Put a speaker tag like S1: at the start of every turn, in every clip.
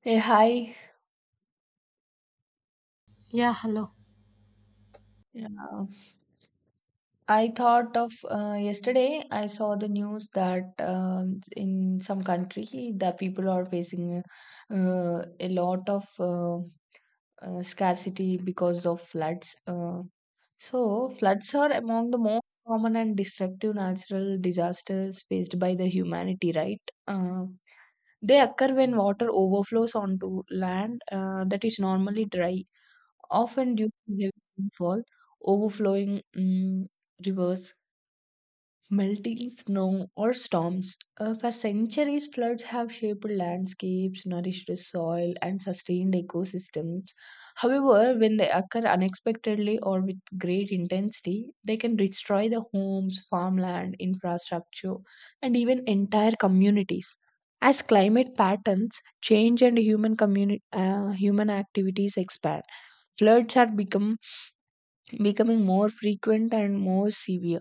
S1: Hey, hi.
S2: Yeah, hello.
S1: Yeah. Mm. I thought of yesterday, I saw the news that in some country the people are facing a lot of scarcity because of floods. So, floods are among the most common and destructive natural disasters faced by the humanity, right? They occur when water overflows onto land that is normally dry, often due to heavy rainfall, overflowing rivers, melting snow, or storms. For centuries, floods have shaped landscapes, nourished the soil, and sustained ecosystems. However, when they occur unexpectedly or with great intensity, they can destroy the homes, farmland, infrastructure, and even entire communities. As climate patterns change and human activities expand, floods have become becoming more frequent and more severe.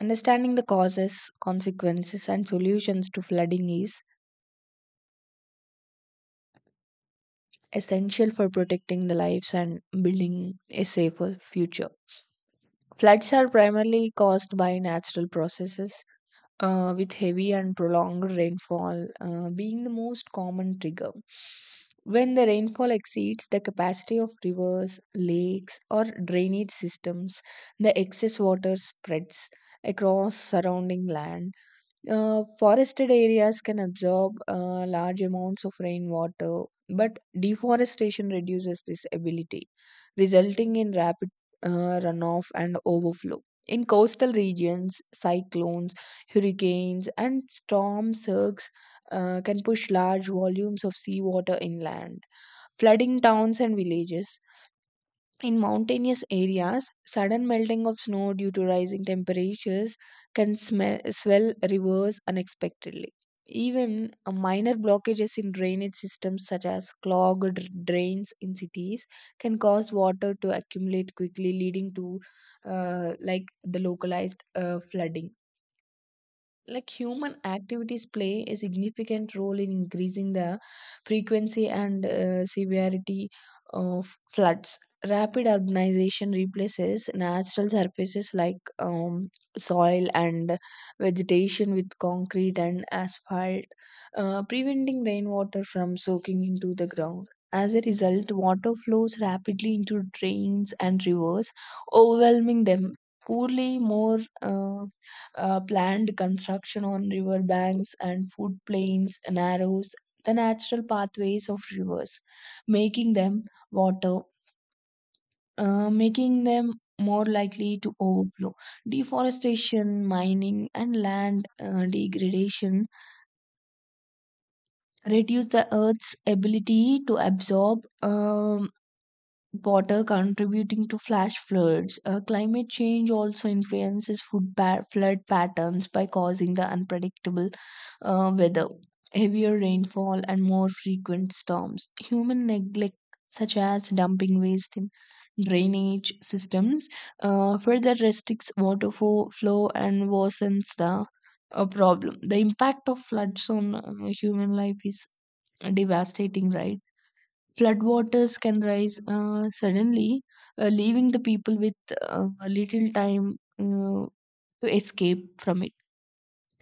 S1: Understanding the causes, consequences, and solutions to flooding is essential for protecting the lives and building a safer future. Floods are primarily caused by natural processes, with heavy and prolonged rainfall being the most common trigger. When the rainfall exceeds the capacity of rivers, lakes, or drainage systems, the excess water spreads across surrounding land. Forested areas can absorb large amounts of rainwater, but deforestation reduces this ability, resulting in rapid runoff and overflow. In coastal regions, cyclones, hurricanes, and storm surges can push large volumes of seawater inland, flooding towns and villages. In mountainous areas, sudden melting of snow due to rising temperatures can swell rivers unexpectedly. Even minor blockages in drainage systems, such as clogged drains in cities, can cause water to accumulate quickly, leading to like the localized flooding. Like, human activities play a significant role in increasing the frequency and severity of floods. Rapid urbanization replaces natural surfaces like soil and vegetation with concrete and asphalt, preventing rainwater from soaking into the ground. As a result, water flows rapidly into drains and rivers, overwhelming them. Poorly more planned construction on river banks and food plains narrows the natural pathways of rivers, making them water, making them more likely to overflow. Deforestation, mining, and land degradation reduce the earth's ability to absorb water, contributing to flash floods. Climate change also influences flood patterns by causing the unpredictable weather, heavier rainfall, and more frequent storms. Human neglect, such as dumping waste in drainage systems, further restricts water flow and worsens the problem. The impact of floods on human life is devastating, right? Floodwaters can rise suddenly, leaving the people with little time to escape from it.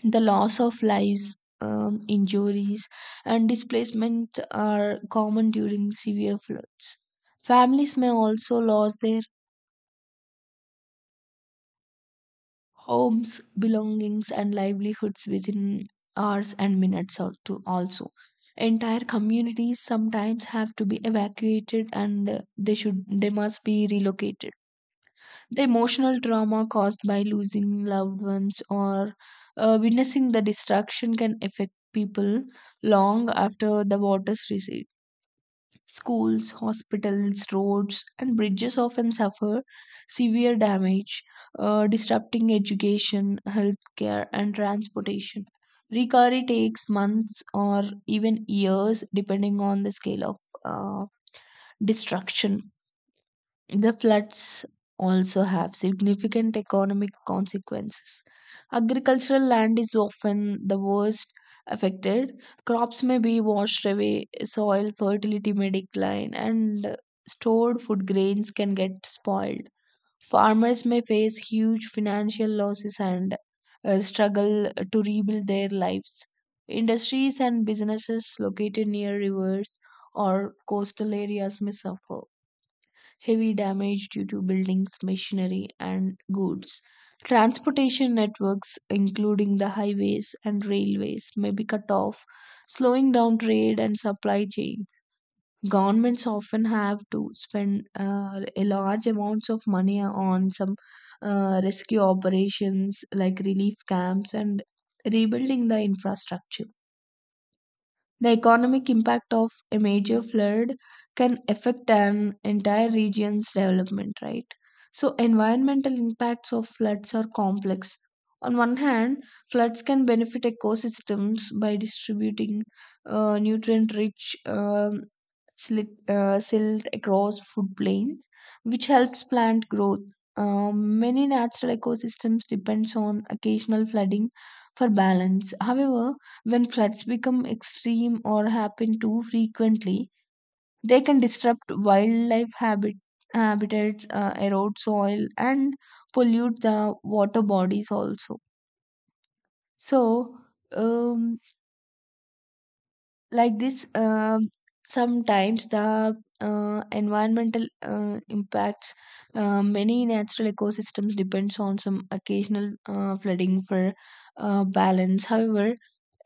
S1: The loss of lives, injuries, and displacement are common during severe floods. Families may also lose their homes, belongings, and livelihoods within hours and minutes or two. Also, entire communities sometimes have to be evacuated and they must be relocated. The emotional trauma caused by losing loved ones or witnessing the destruction can affect people long after the waters recede. Schools, hospitals, roads, and bridges often suffer severe damage, disrupting education, healthcare, and transportation. Recovery takes months or even years, depending on the scale of uh, destruction. The floods also have significant economic consequences. Agricultural land is often the worst affected. Crops may be washed away, soil fertility may decline, and stored food grains can get spoiled. Farmers may face huge financial losses and struggle to rebuild their lives. Industries and businesses located near rivers or coastal areas may suffer heavy damage due to buildings, machinery, and goods. Transportation networks, including the highways and railways, may be cut off, slowing down trade and supply chain. Governments often have to spend a large amounts of money on some rescue operations like relief camps and rebuilding the infrastructure. The economic impact of a major flood can affect an entire region's development, right? So, environmental impacts of floods are complex. On one hand, floods can benefit ecosystems by distributing nutrient rich silt across food plains, which helps plant growth. Many natural ecosystems depends on occasional flooding for balance. However, when floods become extreme or happen too frequently, they can disrupt habitats, erode soil, and pollute the water bodies also. So, um, like this, sometimes the environmental impacts. Many natural ecosystems depends on some occasional flooding for balance. However,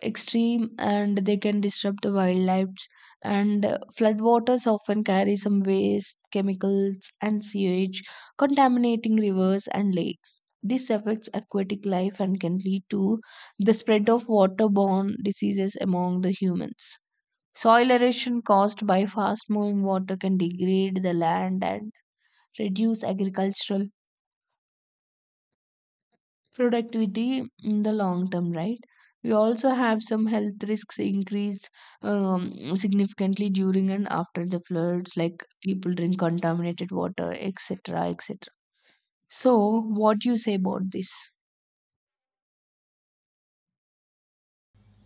S1: extreme, and they can disrupt the wildlife. And floodwaters often carry some waste chemicals and sewage, contaminating rivers and lakes. This affects aquatic life and can lead to the spread of waterborne diseases among the humans. Soil erosion caused by fast moving water can degrade the land and reduce agricultural productivity in the long term, right? We also have some health risks increase um, significantly during and after the floods, like people drink contaminated water, etc etc. So, what you say about this?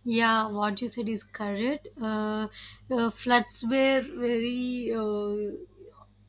S2: Yeah, what you said is correct. Floods were very uh,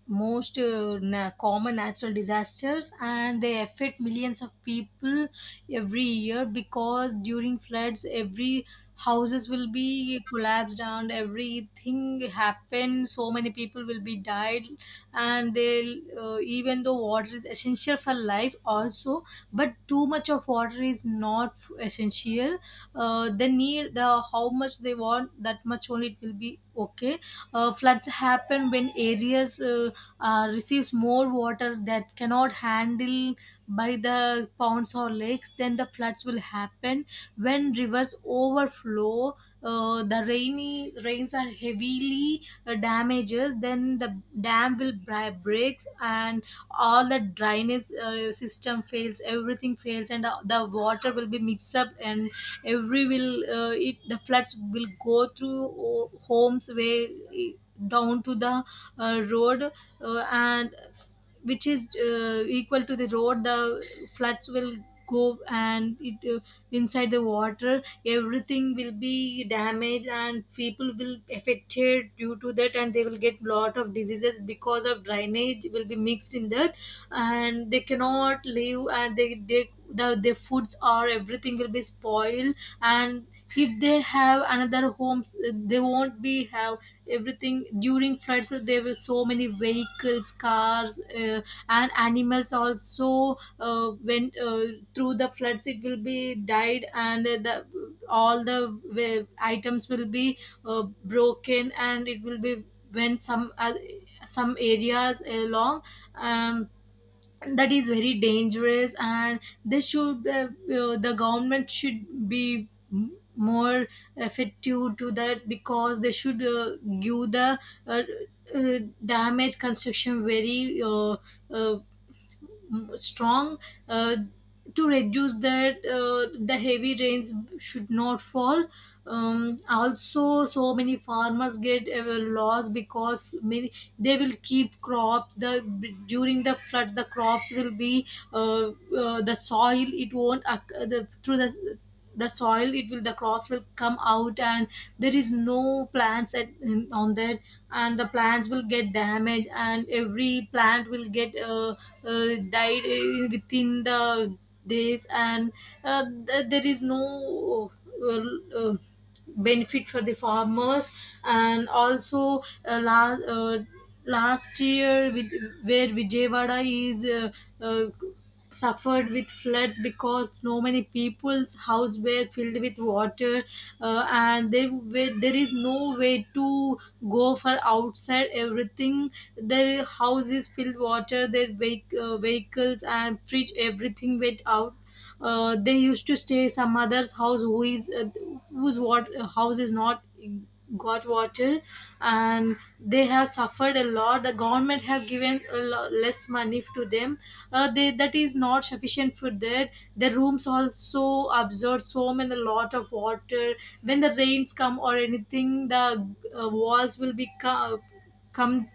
S2: most uh, na- common natural disasters, and they affect millions of people every year because during floods, every houses will be collapsed and everything happen. So many people will be died, and they even though water is essential for life, also, but too much of water is not essential. They need the how much they want that much only it will be okay. Floods happen when areas receives more water that cannot handle by the ponds or lakes, then the floods will happen when rivers overflow. The rainy rains are heavily damages, then the dam will breaks and all the drainage system fails, everything fails, and the water will be mixed up, and every will it the floods will go through homes way down to the road, and which is equal to the road. The floods will go, and it inside the water everything will be damaged, and people will affected due to that, and they will get lot of diseases because of drainage will be mixed in that, and they cannot live, and they the, their foods are everything will be spoiled. And if they have another homes, they won't be have everything. During floods there were so many vehicles, cars, and animals also went through the floods, it will be died, and the all the items will be broken, and it will be went some areas along. um that is very dangerous, and they should the government should be more effective to that, because they should give the uh, uh, damage construction uh, strong uh, to reduce that, the heavy rains should not fall. Also, so many farmers get loss, because many they will keep crops. The during the floods the crops will be uh, the soil it won't the, through the soil it will the crops will come out, and there is no plants at, in, on that, and the plants will get damaged, and every plant will get died within the days, and there is no uh, uh, benefit for the farmers. And also uh, la- uh, last year with where Vijayawada is uh, suffered with floods, because no many people's house were filled with water, and they were, there is no way to go for outside, everything their houses filled water, their vehicles and fridge everything went out. They used to stay some other's house who is whose what house is not got water, and they have suffered a lot. The government have given a less money to them. They that is not sufficient for that. The rooms also absorb so many lot of water. When the rains come or anything, the walls will be come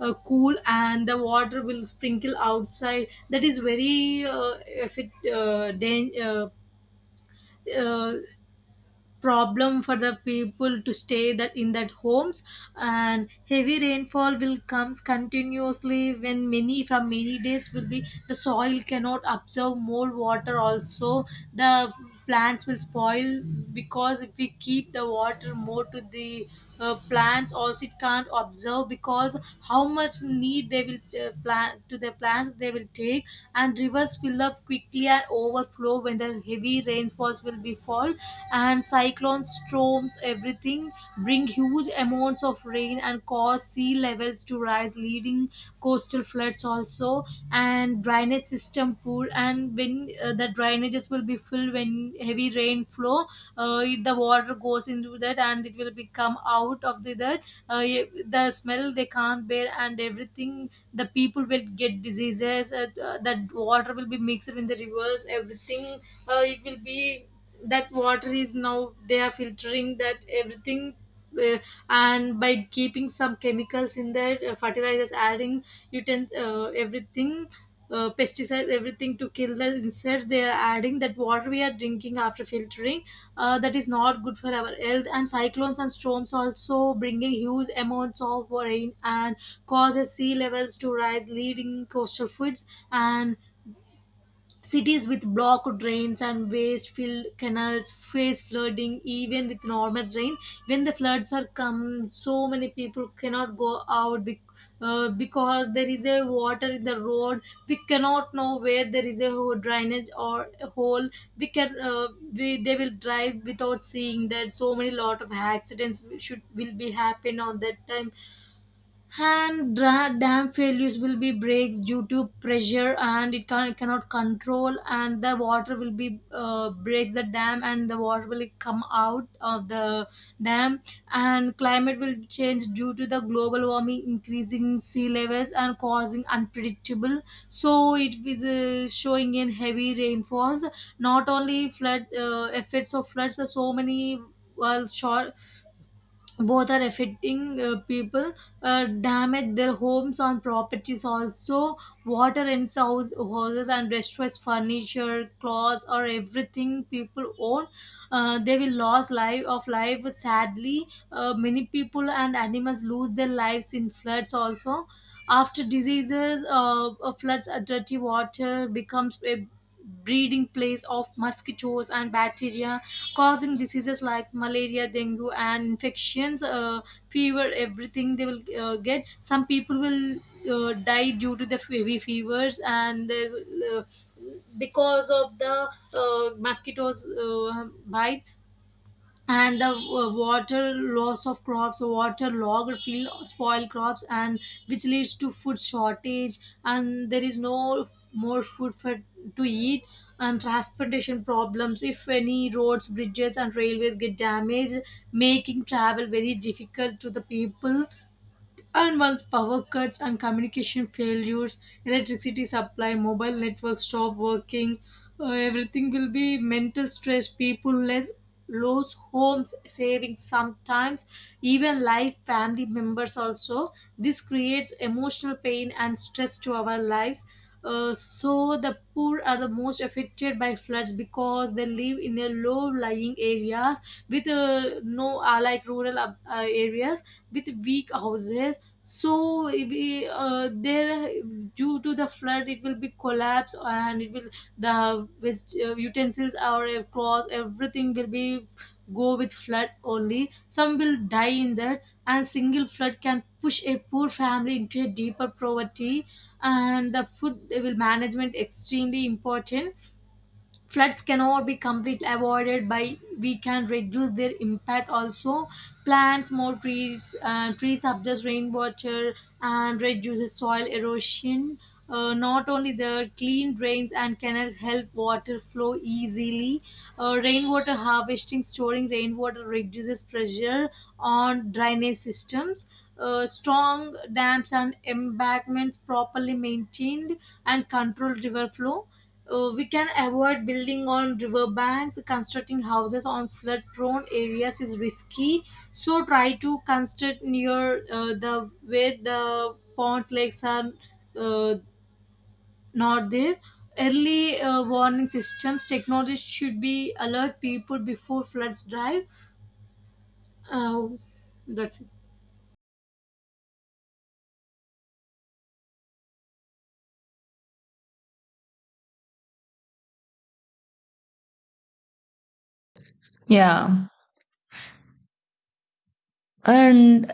S2: cool, and the water will sprinkle outside. That is very if it uh, problem for the people to stay that in that homes. And heavy rainfall will comes continuously when many from many days will be the soil cannot absorb more water also. The plants will spoil, because if we keep the water more to the plants also, it can't observe, because how much need they will plant to the plants they will take. And rivers fill up quickly and overflow when the heavy rainfalls will be fall. And cyclones, storms everything bring huge amounts of rain and cause sea levels to rise, leading coastal floods also. And drainage system become poor, and when the drainages will be full when heavy rain flow, uh, the water goes into that and it will become out of the that. uh, the smell they can't bear, and everything the people will get diseases, that water will be mixed in the rivers everything, it will be that water is now they are filtering that everything, uh, and by keeping some chemicals in that, fertilizers adding, you utens everything, pesticides, everything to kill the insects they are adding, that water we are drinking after filtering. That is not good for our health. And cyclones and storms also bringing huge amounts of rain and causes sea levels to rise, leading coastal floods. And cities with blocked drains and waste filled canals face flooding even with normal rain. When the floods are come, so many people cannot go out because there is a water in the road. We cannot know where there is a drainage or a hole. They will drive without seeing that. So many lot of accidents should will be happen on that time. And dam failures will be breaks due to pressure, and it can, cannot control, and the water will be breaks the dam, and the water will come out of the dam. And climate will change due to the global warming, increasing sea levels and causing unpredictable, so it is showing in heavy rainfalls, not only flood. Effects of floods, so many well short, both are affecting people, damage their homes and properties also, water and house, houses, and destroys furniture, clothes, or everything people own. They will lose life of life sadly. Many people and animals lose their lives in floods also. After diseases, floods, dirty water becomes a breeding place of mosquitoes and bacteria, causing diseases like malaria, dengue, and infections, fever, everything they will get. Some people will die due to the heavy fevers, and they will, because of the mosquitoes bite. And the water loss of crops, water logged field spoil crops, and which leads to food shortage, and there is no more food for to eat. And transportation problems, if any roads, bridges, and railways get damaged, making travel very difficult to the people. And once power cuts and communication failures, electricity supply, mobile networks stop working, everything will be mental stress, people less lose homes, savings sometimes, even life, family members also. This creates emotional pain and stress to our lives. So the poor are the most affected by floods, because they live in a low-lying areas with no like rural areas with weak houses. So if we, there due to the flood, it will be collapse, and it will the utensils or clothes, everything will be go with flood only. Some will die in that, and single flood can push a poor family into a deeper poverty. And the food will management extremely important. Floods cannot be completely avoided, by we can reduce their impact also. Plants more trees, trees absorb rainwater and reduces soil erosion. Not only the clean drains and canals help water flow easily, rainwater harvesting, storing rainwater reduces pressure on drainage systems. Strong dams and embankments properly maintained and control river flow. We can avoid building on river banks. Constructing houses on flood prone areas is risky. So try to construct near the where the ponds, lakes, and uh, not there. Early warning systems, technology should be alert people before floods drive. Uh, that's it.
S1: Yeah, and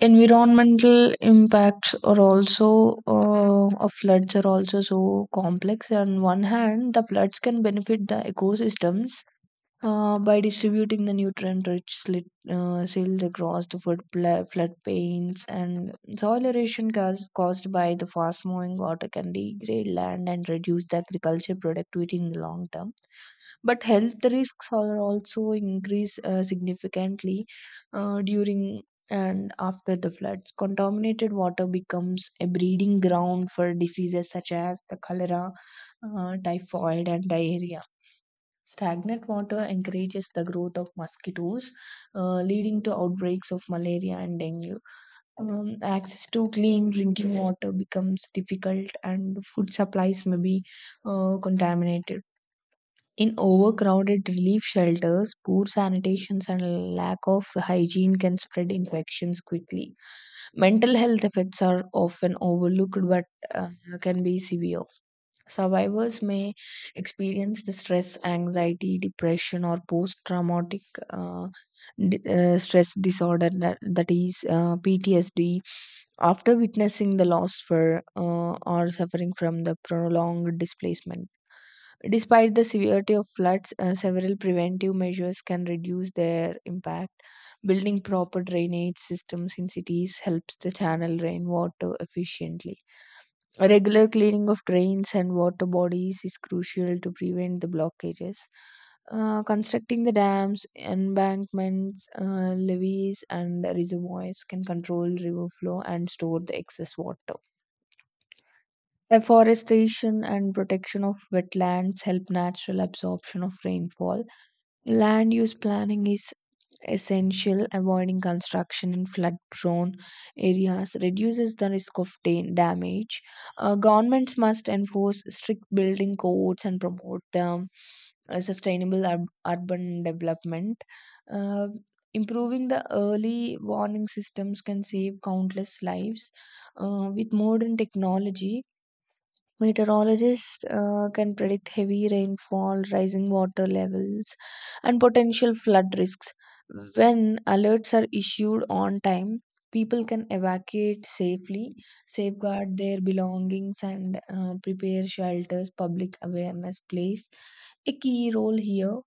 S1: environmental impacts are also of floods are also so complex. On one hand, the floods can benefit the ecosystems by distributing the nutrient-rich silt across the flood plains, and soil erosion caused by the fast-moving water can degrade land and reduce the agriculture productivity in the long term. But health risks are also increase significantly during and after the floods. Contaminated water becomes a breeding ground for diseases such as the cholera, typhoid, and diarrhea. Stagnant water encourages the growth of mosquitoes, leading to outbreaks of malaria and dengue. Access to clean drinking water becomes difficult, and food supplies may be contaminated. In overcrowded relief shelters, poor sanitation and lack of hygiene can spread infections quickly. Mental health effects are often overlooked but uh, can be severe. Survivors may experience the stress, anxiety, depression, or post traumatic uh, stress disorder that is PTSD after witnessing the loss for or suffering from the prolonged displacement. Despite the severity of floods, several preventive measures can reduce their impact. Building proper drainage systems in cities helps to channel rainwater efficiently. A regular cleaning of drains and water bodies is crucial to prevent the blockages. Constructing the dams, embankments, levees, and reservoirs can control river flow and store the excess water. Afforestation and protection of wetlands help natural absorption of rainfall. Land use planning is essential. Avoiding construction in flood prone areas reduces the risk of damage. Governments must enforce strict building codes and promote the sustainable urban development. Uh, Improving the early warning systems can save countless lives. With modern technology, meteorologists can predict heavy rainfall, rising water levels, and potential flood risks. When alerts are issued on time, people can evacuate safely, safeguard their belongings, and prepare shelters. Public awareness plays a key role here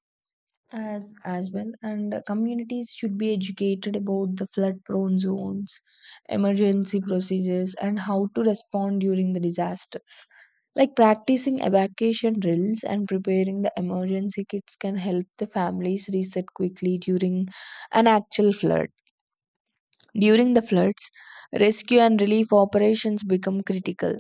S1: as well, and communities should be educated about the flood prone zones, emergency procedures, and how to respond during the disasters, like practicing evacuation drills and preparing the emergency kits, can help the families reset quickly during an actual flood. During the floods, rescue and relief operations become critical.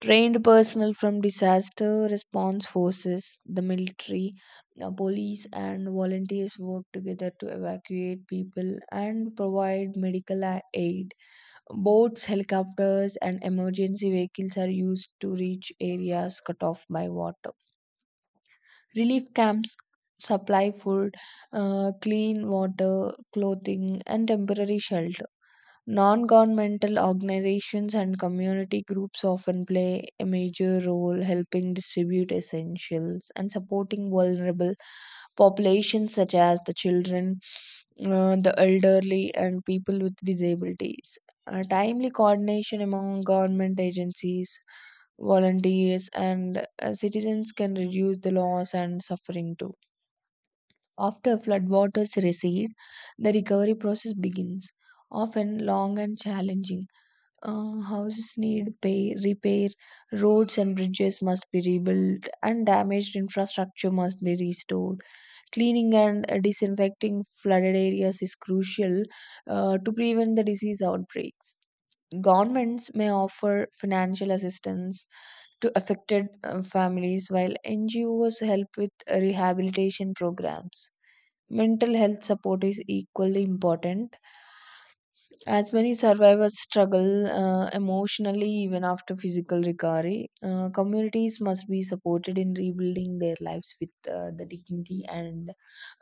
S1: Trained personnel from disaster response forces, the military, police, and volunteers work together to evacuate people and provide medical aid. Boats, helicopters, and emergency vehicles are used to reach areas cut off by water. Relief camps supply food, clean water, clothing, and temporary shelter. Non governmental organizations and community groups often play a major role helping distribute essentials and supporting vulnerable populations such as the children, the elderly, and people with disabilities. Timely coordination among government agencies, volunteers, and citizens can reduce the loss and suffering too. After floodwaters recede, the recovery process begins, often long and challenging. Houses need pay, repair, roads and bridges must be rebuilt, and damaged infrastructure must be restored. Cleaning and disinfecting flooded areas is crucial to prevent the disease outbreaks. Governments may offer financial assistance to affected families, while NGOs help with rehabilitation programs. Mental health support is equally important as many survivors struggle emotionally even after physical recovery. Communities must be supported in rebuilding their lives with the dignity and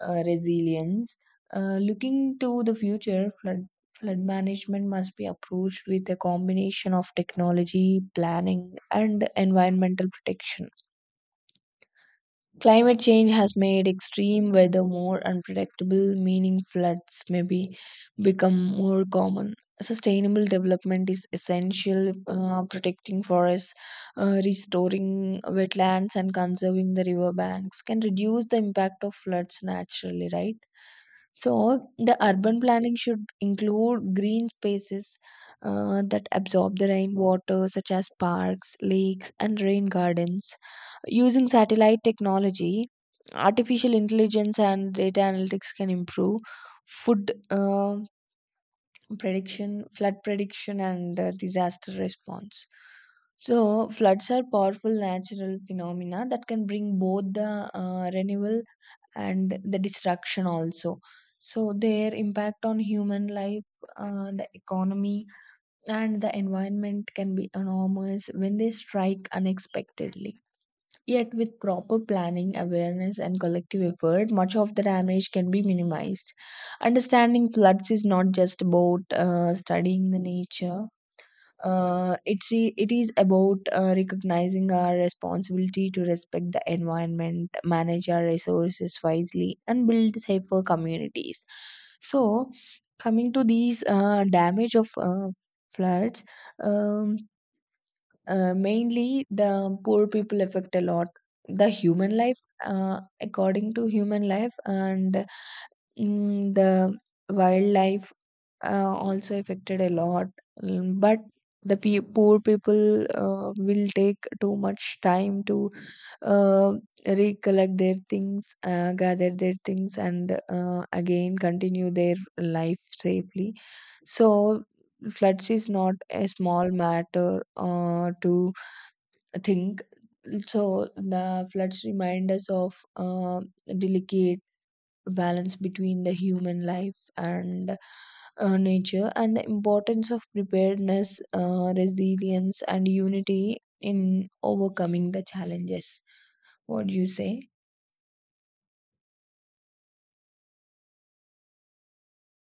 S1: resilience. Looking to the future, flood management must be approached with a combination of technology, planning, and environmental protection. Climate change has made extreme weather more unpredictable, meaning floods may be become more common. Sustainable development is essential, protecting forests, restoring wetlands, and conserving the river banks can reduce the impact of floods naturally, right? So, the urban planning should include green spaces that absorb the rainwater, such as parks, lakes, and rain gardens. Using satellite technology, artificial intelligence, and data analytics can improve food uh, flood prediction, and disaster response. So, floods are powerful natural phenomena that can bring both the renewal and the destruction also. So, their impact on human life, the economy, and the environment can be enormous when they strike unexpectedly. Yet with proper planning, awareness, and collective effort, much of the damage can be minimized. Understanding floods is not just about studying the nature. It is about recognizing our responsibility to respect the environment, manage our resources wisely, and build safer communities. So, coming to these damage of floods, um, mainly the poor people affect a lot. The human life, according to human life, and the wildlife also affected a lot. But the poor people will take too much time to uh, recollect their things, gather their things, and again continue their life safely. So, floods is not a small matter to think. So, the floods remind us of delicate balance between the human life and nature, and the importance of preparedness, resilience, and unity in overcoming the challenges. What do you say?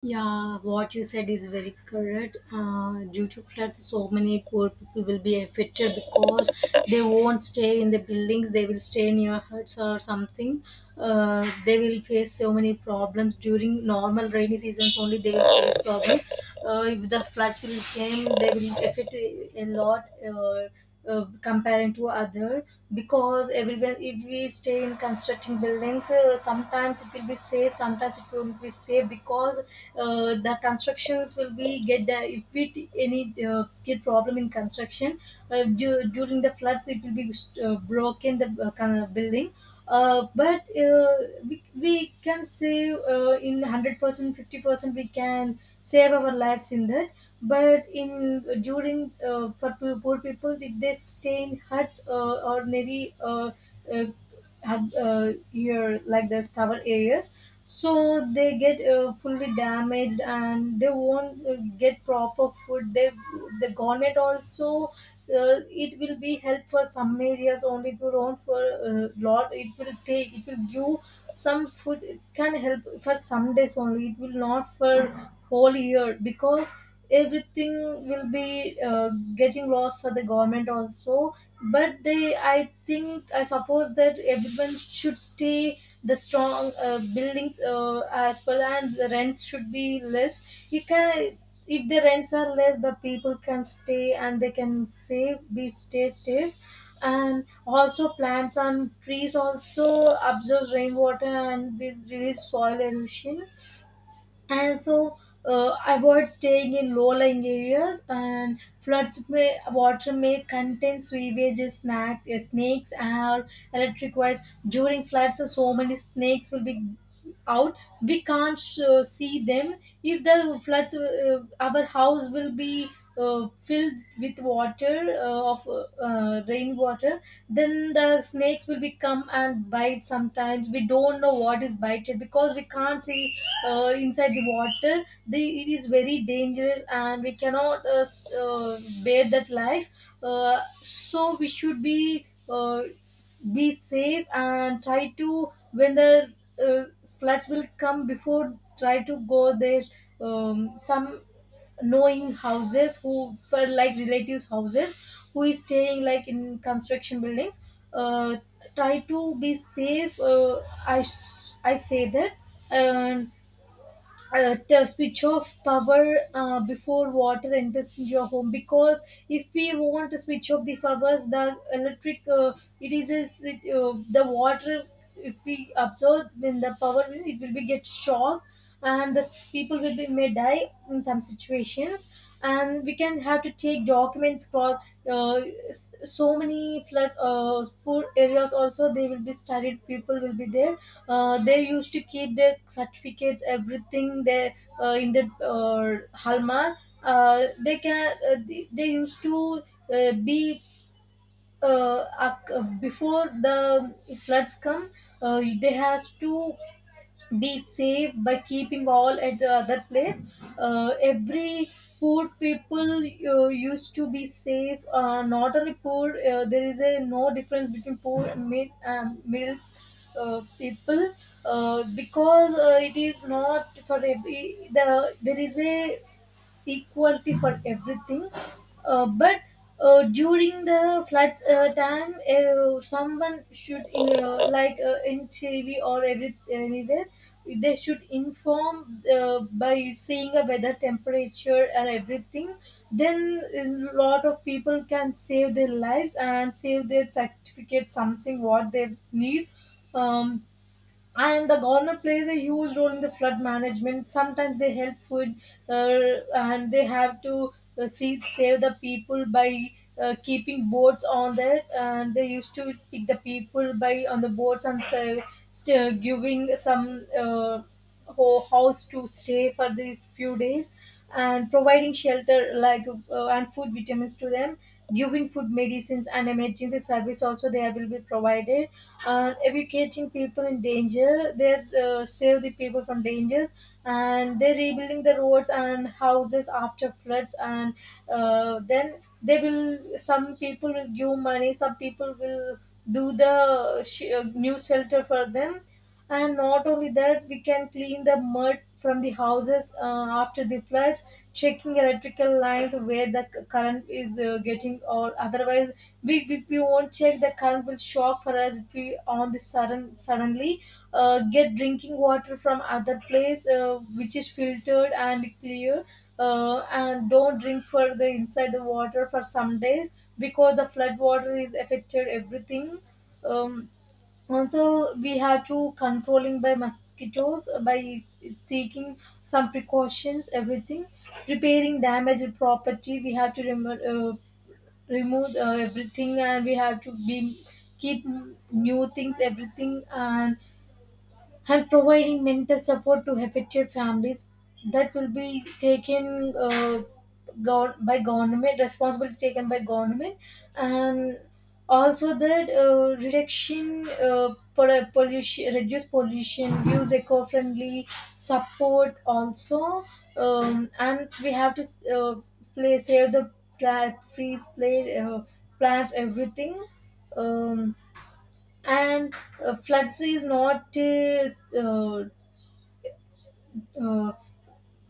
S2: Yeah, what you said is very correct. Due to floods, so many poor people will be affected, because they won't stay in the buildings. They will stay near huts or something. They will face so many problems during normal rainy seasons. Only they will face problems. If the floods will came, they will affect a lot. Comparing to other, because everyone, if we stay in constructing buildings, sometimes it will be safe, sometimes it won't be safe, because the constructions will be get the if we any get problem in construction, during the floods it will be broken the kind of building, but we can save in 100%. 50% we can save our lives in that. But in during for poor people, if they stay in huts, ordinary uh, have here like this cover areas, so they get fully damaged and they won't get proper food. They, the government also, uh, it will be help for some areas only, it will not for lot, it will take, it will give some food, it can help for some days only, it will not for whole year, because everything will be getting lost for the government also. But they, I think, I suppose that everyone should stay the strong buildings as well, and the rents should be less. You can, if the rents are less, the people can stay and they can save, be stay. And also plants and trees also absorb rainwater and they release soil erosion. And so, avoid staying in low-lying areas, and floods may, water may contain sewage, snack snakes or electric wires. During floods, so many snakes will be out, we can't see them. If the floods, our house will be filled with water, of rainwater, then the snakes will be come and bite. Sometimes we don't know what is bited because we can't see inside the water. It is very dangerous and we cannot bear that life. So we should be safe and try to, when the uh, floods will come before, try to go there, some knowing houses, who for, like relatives houses who is staying like in construction buildings. uh, Try to be safe. I say that. And to switch off power before water enters into your home, because if we want to switch off the powers, the electric, it is as it, the water, if we absorb in the power, it will be get shocked, and the people will be may die in some situations. And we can have to take documents for uh, so many floods, poor areas also, they will be studied, people will be there. They used to keep their certificates, everything there, in the Halmar. They can, they used to be before the floods come. They has to be safe by keeping all at the other place. Every poor people used to be safe. Not only poor, there is a no difference between poor and mid, middle people, because it is not for every, the there is a equality for everything. But during the floods time, someone should, like in TV or every anywhere, they should inform by saying a weather temperature and everything. Then a lot of people can save their lives and save their certificate, something what they need. Um, and the government plays a huge role in the flood management. Sometimes they help food, and they have to see, save the people by keeping boats on there, and they used to pick the people by on the boats and say, still giving some house to stay for the few days, and providing shelter like, and food, vitamins to them, giving food, medicines, and emergency service also there will be provided, and evacuating people in danger. They save the people from dangers, and they're rebuilding the roads and houses after floods. And then they will, some people will give money, some people will do the new shelter for them. And not only that, we can clean the mud from the houses after the floods, checking electrical lines where the current is getting or otherwise. We won't check, the current will shock for us if we on the sudden suddenly get drinking water from other place which is filtered and clear. And don't drink for the inside the water for some days because the flood water is affected everything. um, Also, we have to controlling by mosquitoes by taking some precautions, everything. Repairing damaged property, we have to remove, remove everything, and we have to be keep new things, everything, and providing mental support to affected families. That will be taken by government, responsibility taken by government. And also that reduction, pollution, reduce pollution, use eco-friendly support also. And we have to uh, play save the trees, play plants, everything. Um, and floods is not uh, uh,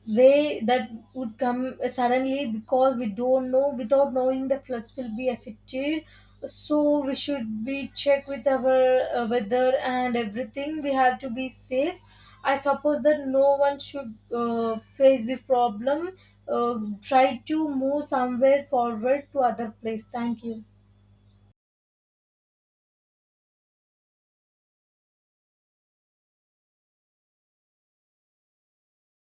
S2: way that would come suddenly, because we don't know, without knowing the floods will be affected. So we should be check with our weather and everything, we have to be safe. I suppose that no one should face the problem. Try to move somewhere forward to other place. Thank you.